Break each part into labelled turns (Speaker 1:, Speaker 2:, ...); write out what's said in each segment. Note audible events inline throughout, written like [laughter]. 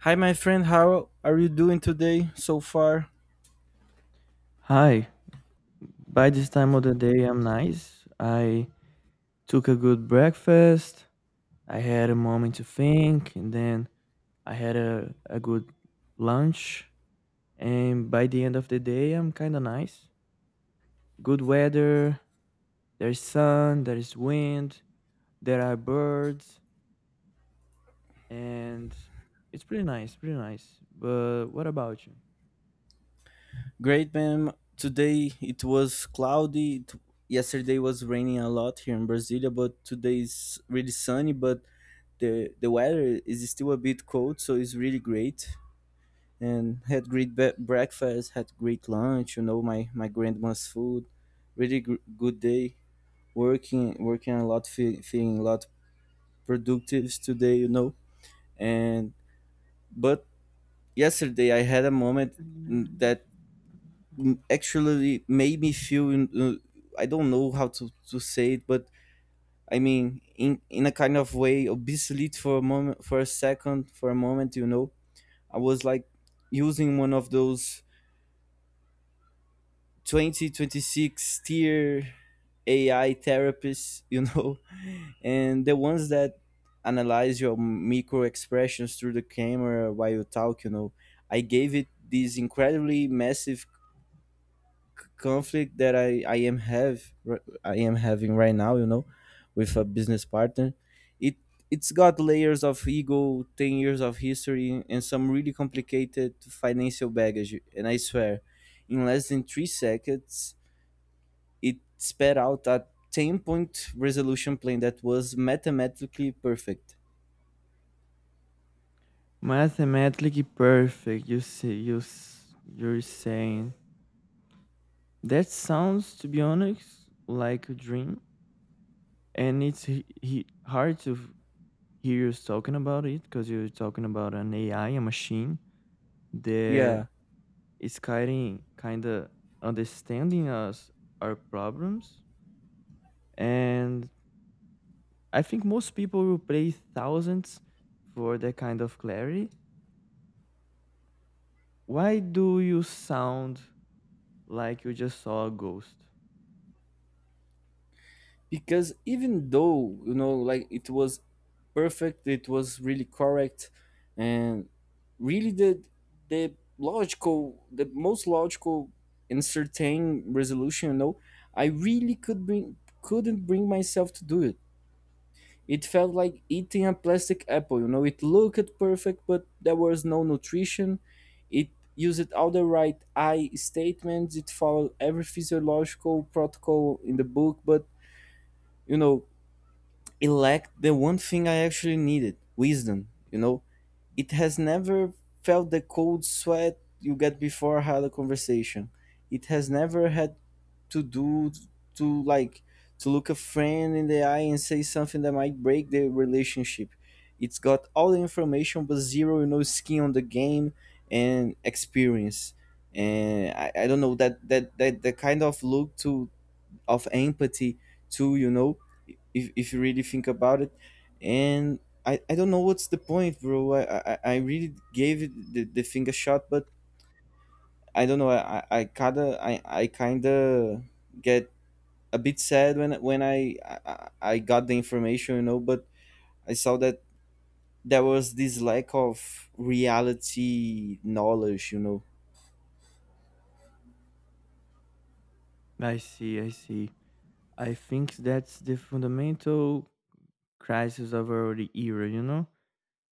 Speaker 1: Hi, my friend. How are you doing today so far?
Speaker 2: Hi, by this time of the day, I'm nice. I took a good breakfast. I had a moment to think, and then I had a good lunch. And by the end of the day, I'm kind of nice. Good weather, there's sun, there's wind, there are birds, and it's pretty nice, pretty nice. But what about you?
Speaker 1: Great, ma'am. Today it was cloudy. Yesterday was raining a lot here in Brasilia, but today is really sunny. But the weather is still a bit cold, so it's really great. And had great breakfast, had great lunch. My grandma's food. Really good day. Working a lot, feeling a lot productive today. You know, and but yesterday I had a moment
Speaker 2: Nice.
Speaker 1: that actually made me feel I don't know how to say it, but I mean in a kind of way obsolete for a moment, for a second, for a moment. I was like using one of those 2026 tier AI therapists, [laughs] and the ones that analyze your micro expressions through the camera while you talk. I gave it this incredibly massive conflict that I am having right now, with a business partner. It it's got layers of ego, 10 years of history, and some really complicated financial baggage. And I swear, in less than 3 seconds, it sped out a 10-point resolution plan that was mathematically perfect.
Speaker 2: Mathematically perfect, you see, you're saying. That sounds, to be honest, like a dream, and hard to hear you talking about it because you're talking about an AI, a machine that
Speaker 1: Yeah,
Speaker 2: is kind of understanding us our problems, and I think most people will pay thousands for that kind of clarity. Why do you sound like you just saw a ghost?
Speaker 1: because even though, like it was perfect, it was really correct and really the logical the most logical and certain resolution. I really couldn't bring myself to do it. Felt like eating a plastic apple. It looked perfect, but there was no nutrition. It used all the right I statements, it followed every physiological protocol in the book, but you know it lacked the one thing I actually needed: wisdom you know it has never felt the cold sweat you get before had a conversation. It has never had to do to like to look a friend in the eye and say something that might break the relationship. It's got all the information but zero skin on the game and experience. And I don't know that the kind of look to of empathy to if you really think about it, and I don't know what's the point, bro. I really gave it the thing a shot, but I don't know, I kind of I kind of get a bit sad when when I got the information, but I saw that there was this lack of reality knowledge you know
Speaker 2: I see, I see. I think that's the fundamental crisis of our era, you know?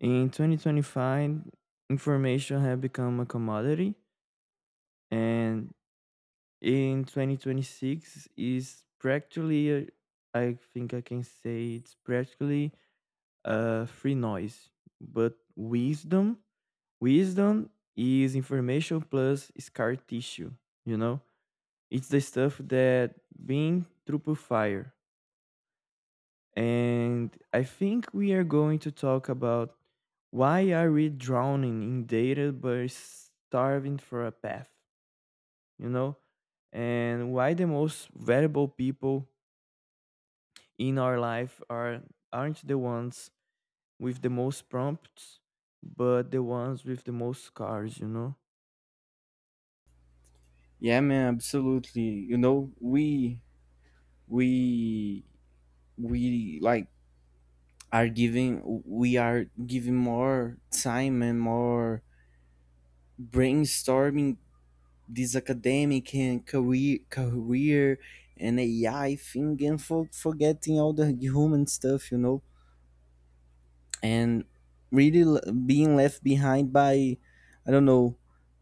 Speaker 2: In 2025, information had become a commodity, and in 2026 is practically, I think I can say it's practically a free noise. But wisdom, wisdom is information plus scar tissue, you know? It's the stuff that being through fire. And I think we are going to talk about why are we drowning in data but starving for a path, you know? And why the most valuable people in our life aren't the ones with the most prompts, but the ones with the most scars, you know?
Speaker 1: yeah man, absolutely. We we we like are giving more time and more brainstorming this academic and career and AI thing and forgetting all the human stuff, and really being left behind by, I don't know,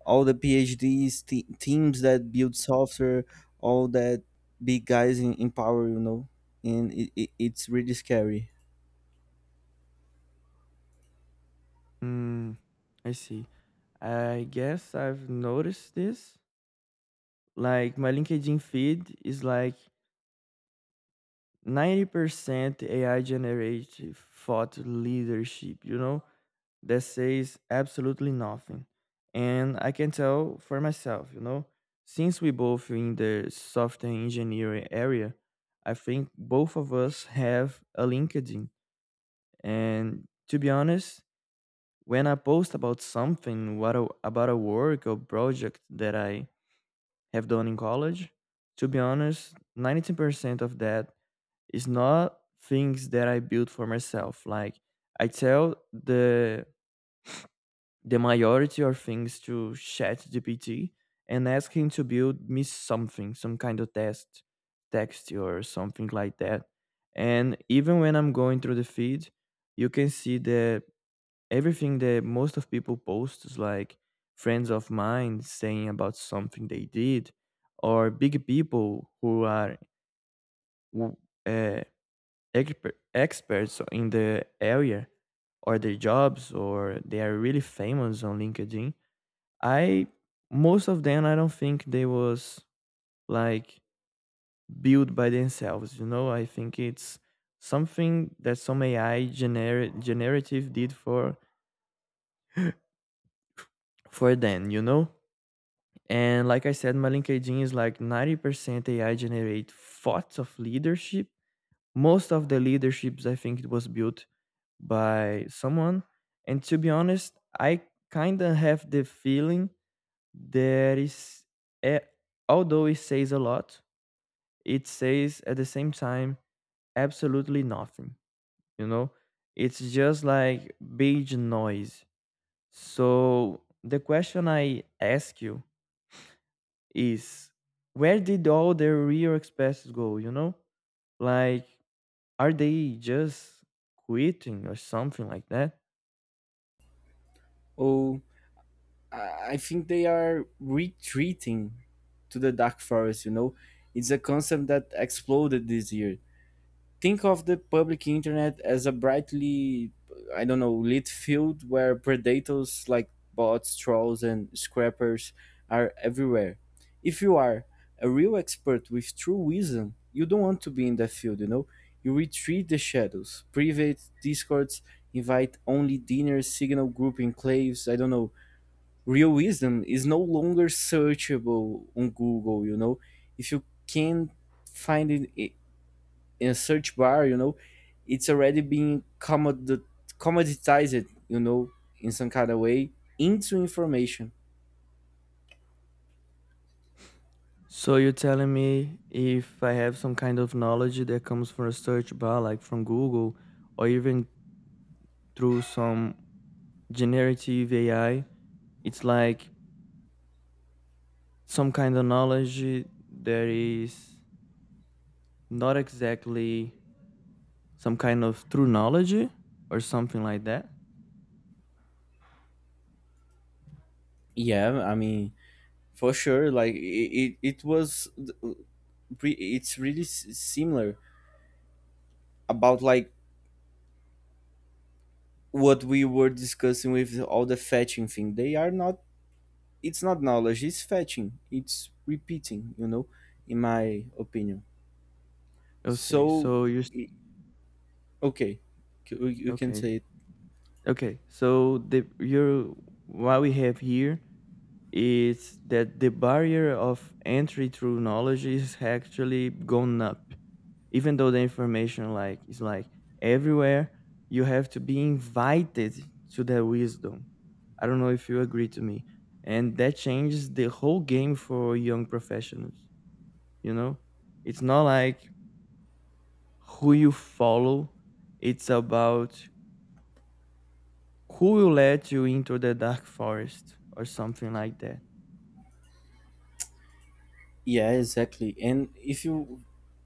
Speaker 1: all the PhDs teams that build software, all that big guys in power, and it's really scary.
Speaker 2: Hmm, I see. I guess I've noticed this. Like my LinkedIn feed is like 90% AI generated thought leadership, you know, that says absolutely nothing. And I can tell for myself, you know, since we both in the software engineering area, I think both of us have a LinkedIn. And to be honest, when I post about something, about a work or project that I have done in college, to be honest, 90% of that it's not things that I build for myself. Like I tell the majority of things to ChatGPT and ask him to build me something, some kind of text or something like that. And even when I'm going through the feed, you can see that everything that most of people post is like friends of mine saying about something they did, or big people who are w- uh, experts in the area or their jobs or they are really famous on LinkedIn. I Most of them, I don't think they was like built by themselves, you know. I think it's something that some generative did for them, you know. And like I said, my LinkedIn is like 90% AI generate thoughts of leadership. Most of the leaderships I think it was built by someone. And to be honest, I kind of have the feeling that is, eh, although it says a lot, it says at the same time absolutely nothing. You know, it's just like beige noise. So the question I ask you is, where did all the real expenses go? You know, like are they just quitting or something like that?
Speaker 1: Oh, I think they are retreating to the dark forest. It's a concept that exploded this year. Think of the public internet as a brightly, I don't know, lit field where predators like bots, trolls, and scrappers are everywhere. If you are a real expert with true wisdom, you don't want to be in that field. You retreat the shadows, private discords, invite only dinner, signal group enclaves. I don't know, real wisdom is no longer searchable on Google. If you can find it in a search bar, it's already being commoditized, in some kind of way into information.
Speaker 2: So you're telling me if I have some kind of knowledge that comes from a search bar, like from Google, or even through some generative AI, it's like some kind of knowledge that is not exactly some kind of true knowledge or something like that.
Speaker 1: Yeah, I mean, for sure, like it it's really similar about, like, what we were discussing with all the fetching thing. They are not it's not knowledge, it's fetching, it's repeating. In my opinion.
Speaker 2: I'll say.
Speaker 1: So,
Speaker 2: So
Speaker 1: okay, you can
Speaker 2: okay.
Speaker 1: say it.
Speaker 2: Okay. So the your what we have here is that the barrier of entry through knowledge is actually gone up, even though the information like is like everywhere. You have to be invited to their wisdom, I don't know if you agree to me. And that changes the whole game for young professionals, you know. It's not like who you follow, it's about who will let you into the dark forest or something like that.
Speaker 1: Yeah, exactly, and if you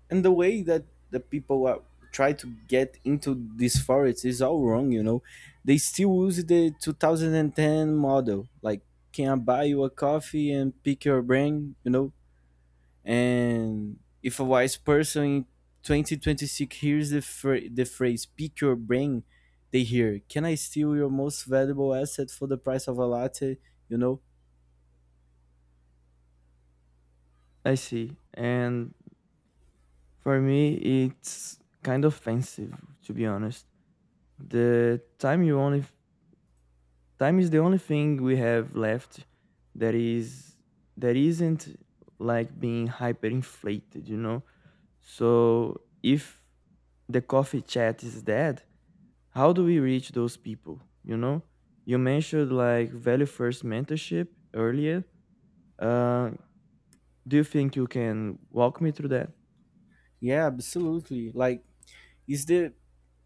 Speaker 1: and the way that the people are try to get into these forests is all wrong. They still use the 2010 model, like, can I buy you a coffee and pick your brain? And if a wise person in 2026 hears the phrase pick your brain, they hear, can I steal your most valuable asset for the price of a latte? You know?
Speaker 2: I see, and for me it's kind of offensive, to be honest. The time you only Time is the only thing we have left that is that isn't like being hyperinflated, you know? So if the coffee chat is dead, how do we reach those people, you know? You mentioned like value first mentorship earlier. Uh, do you think you can walk me through that?
Speaker 1: Yeah, absolutely. Like, it's the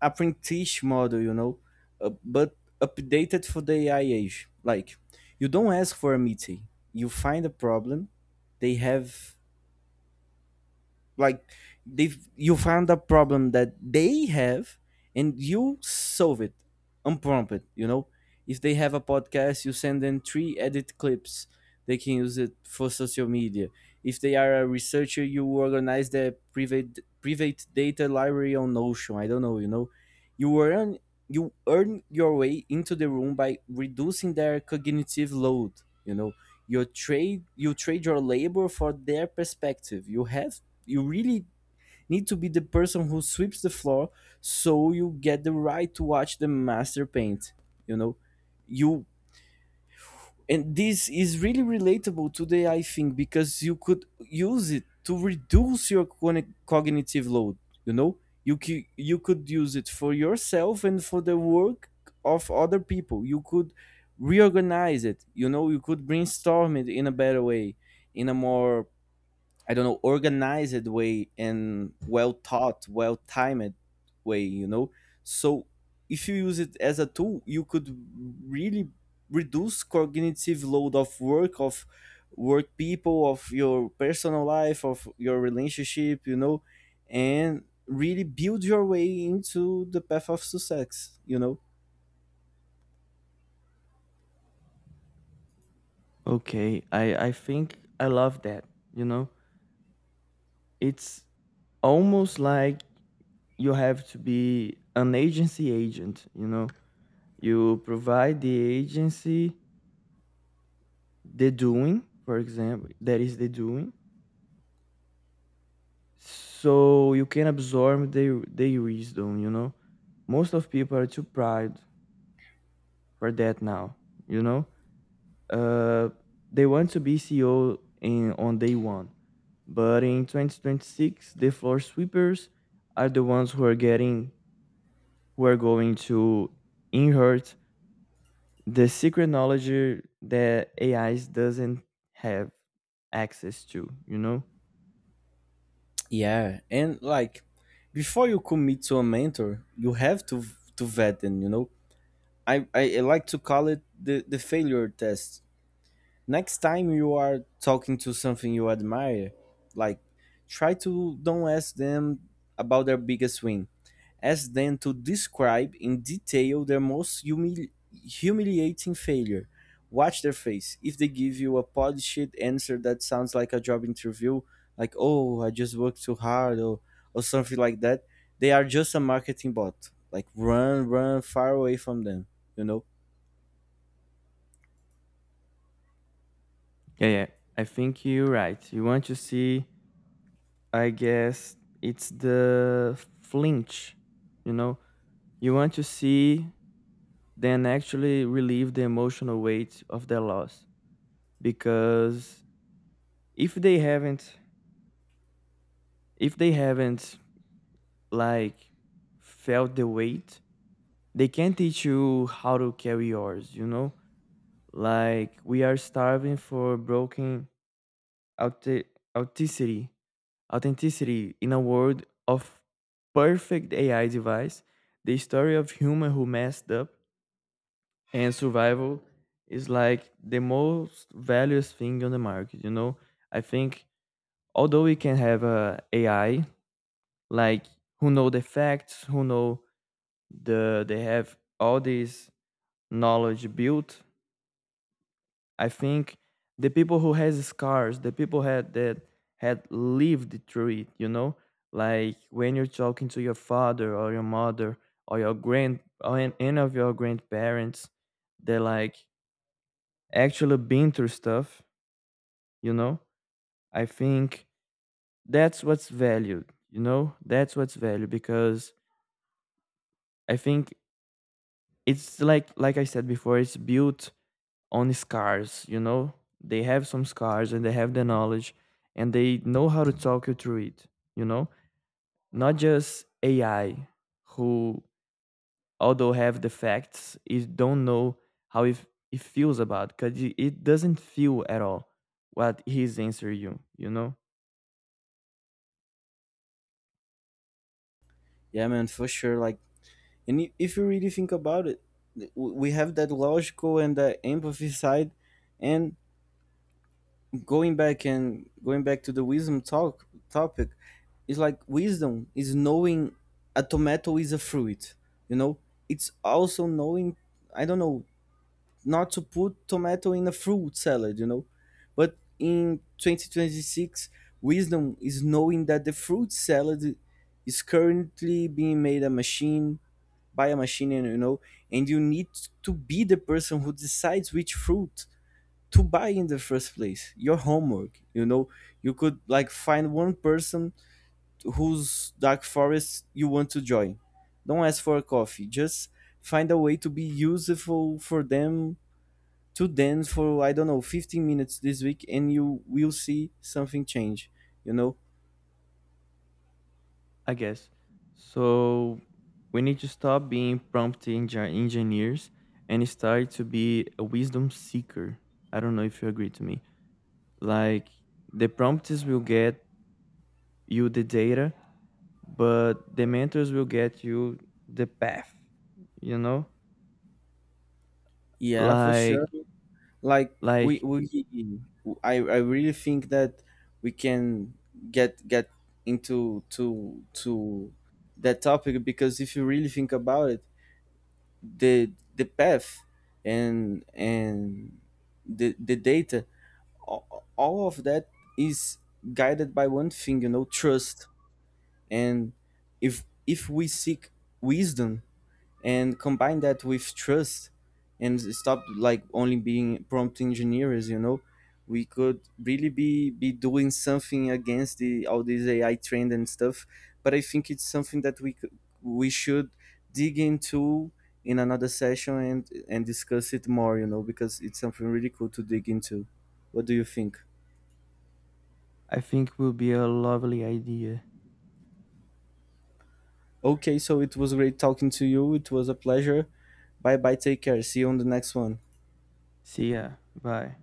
Speaker 1: apprentice model, you know? But updated for the AI age. Like, you don't ask for a meeting, you find a problem, they have like they've you found a problem that they have and you solve it unprompted. If they have a podcast, you send them three edit clips they can use it for social media. If they are a researcher, you organize their private data library on Notion, I don't know. You earn your way into the room by reducing their cognitive load you know you trade your labor for their perspective. You really need to be the person who sweeps the floor, so you get the right to watch the master paint, you know. You and this is really relatable today, I think, because you could use it to reduce your cognitive load you know you could use it for yourself, and for the work of other people you could reorganize it. You could brainstorm it in a better way, in a more, I don't know, organized way and well thought, well timed way. So if you use it as a tool, you could really reduce cognitive load of work people of your personal life of your relationship. And really build your way into the path of success.
Speaker 2: Okay, I think I love that. You know, it's almost like you have to be an agency agent, you know. You provide the agency the doing, for example, that is the doing, so you can absorb their wisdom. You know, most of people are too proud for that now. You know, uh, they want to be CEO in on day one, but in 2026, the floor sweepers are the ones who are getting who are going to inherit the secret knowledge that AIs doesn't have access to, you know?
Speaker 1: Yeah, and like, before you commit to a mentor, you have to vet them. I like to call it the failure test. Next time you are talking to something you admire, like, try to don't ask them about their biggest win. Ask them to describe in detail their most humiliating failure. Watch their face. If they give you a polished answer that sounds like a job interview, like, oh, I just worked too hard, or something like that, they are just a marketing bot. Like, run, run far away from them, you know?
Speaker 2: Yeah, yeah. I think you're right. You want to see, I guess it's the flinch, you know? You want to see them actually relieve the emotional weight of their loss, because if they haven't if they haven't like felt the weight, they can't teach you how to carry yours, you know? Like we are starving for broken authe- authenticity, authenticity in a world of perfect AI device. The story of human who messed up and survival is like the most valuable thing on the market. You know, I think although we can have a AI like who know the facts, who know they have all this knowledge built. I think the people who has scars, the people had that had lived through it, you know, like when you're talking to your father or your mother or your any of your grandparents, they like actually been through stuff, you know. I think that's what's valued, you know. That's what's valued because I think it's like I said before, it's built on scars, you know. They have some scars and they have the knowledge, and they know how to talk you through it, you know. Not just AI, who although have the facts, it don't know how it feels about, because it doesn't feel at all what he's answering you, you know.
Speaker 1: Yeah, man, for sure. Like, and if you really think about it, we have that logical and that empathy side. And going back to the wisdom talk topic, it's like wisdom is knowing a tomato is a fruit. You know, it's also knowing, I don't know, not to put tomato in a fruit salad. But in 2026, wisdom is knowing that the fruit salad is currently being made a machine by a machine, and you need to be the person who decides which fruit to buy in the first place. Your homework. You could, like, find one person whose dark forest you want to join. Don't ask for a coffee, just find a way to be useful for them, to dance for, I don't know, 15 minutes this week, and you will see something change, you know.
Speaker 2: I guess so we need to stop being engineers and start to be a wisdom seeker, I don't know if you agree to me. Like the prompts will get you the data, but the mentors will get you the path, you know?
Speaker 1: Yeah, for
Speaker 2: Like
Speaker 1: sure, like we
Speaker 2: like
Speaker 1: we I really think that we can get into to that topic, because if you really think about it, the the path and the data a- all of that is guided by one thing: trust. And if we seek wisdom and combine that with trust, and stop, like, only being prompt engineers. We could really be doing something against the all this AI trend and stuff. But I think it's something that we should dig into in another session and discuss it more, because it's something really cool to dig into. What do you think?
Speaker 2: I think will be a lovely idea.
Speaker 1: Okay, so it was great talking to you, it was a pleasure. Bye bye, take care, see you on the next one.
Speaker 2: See ya. Bye.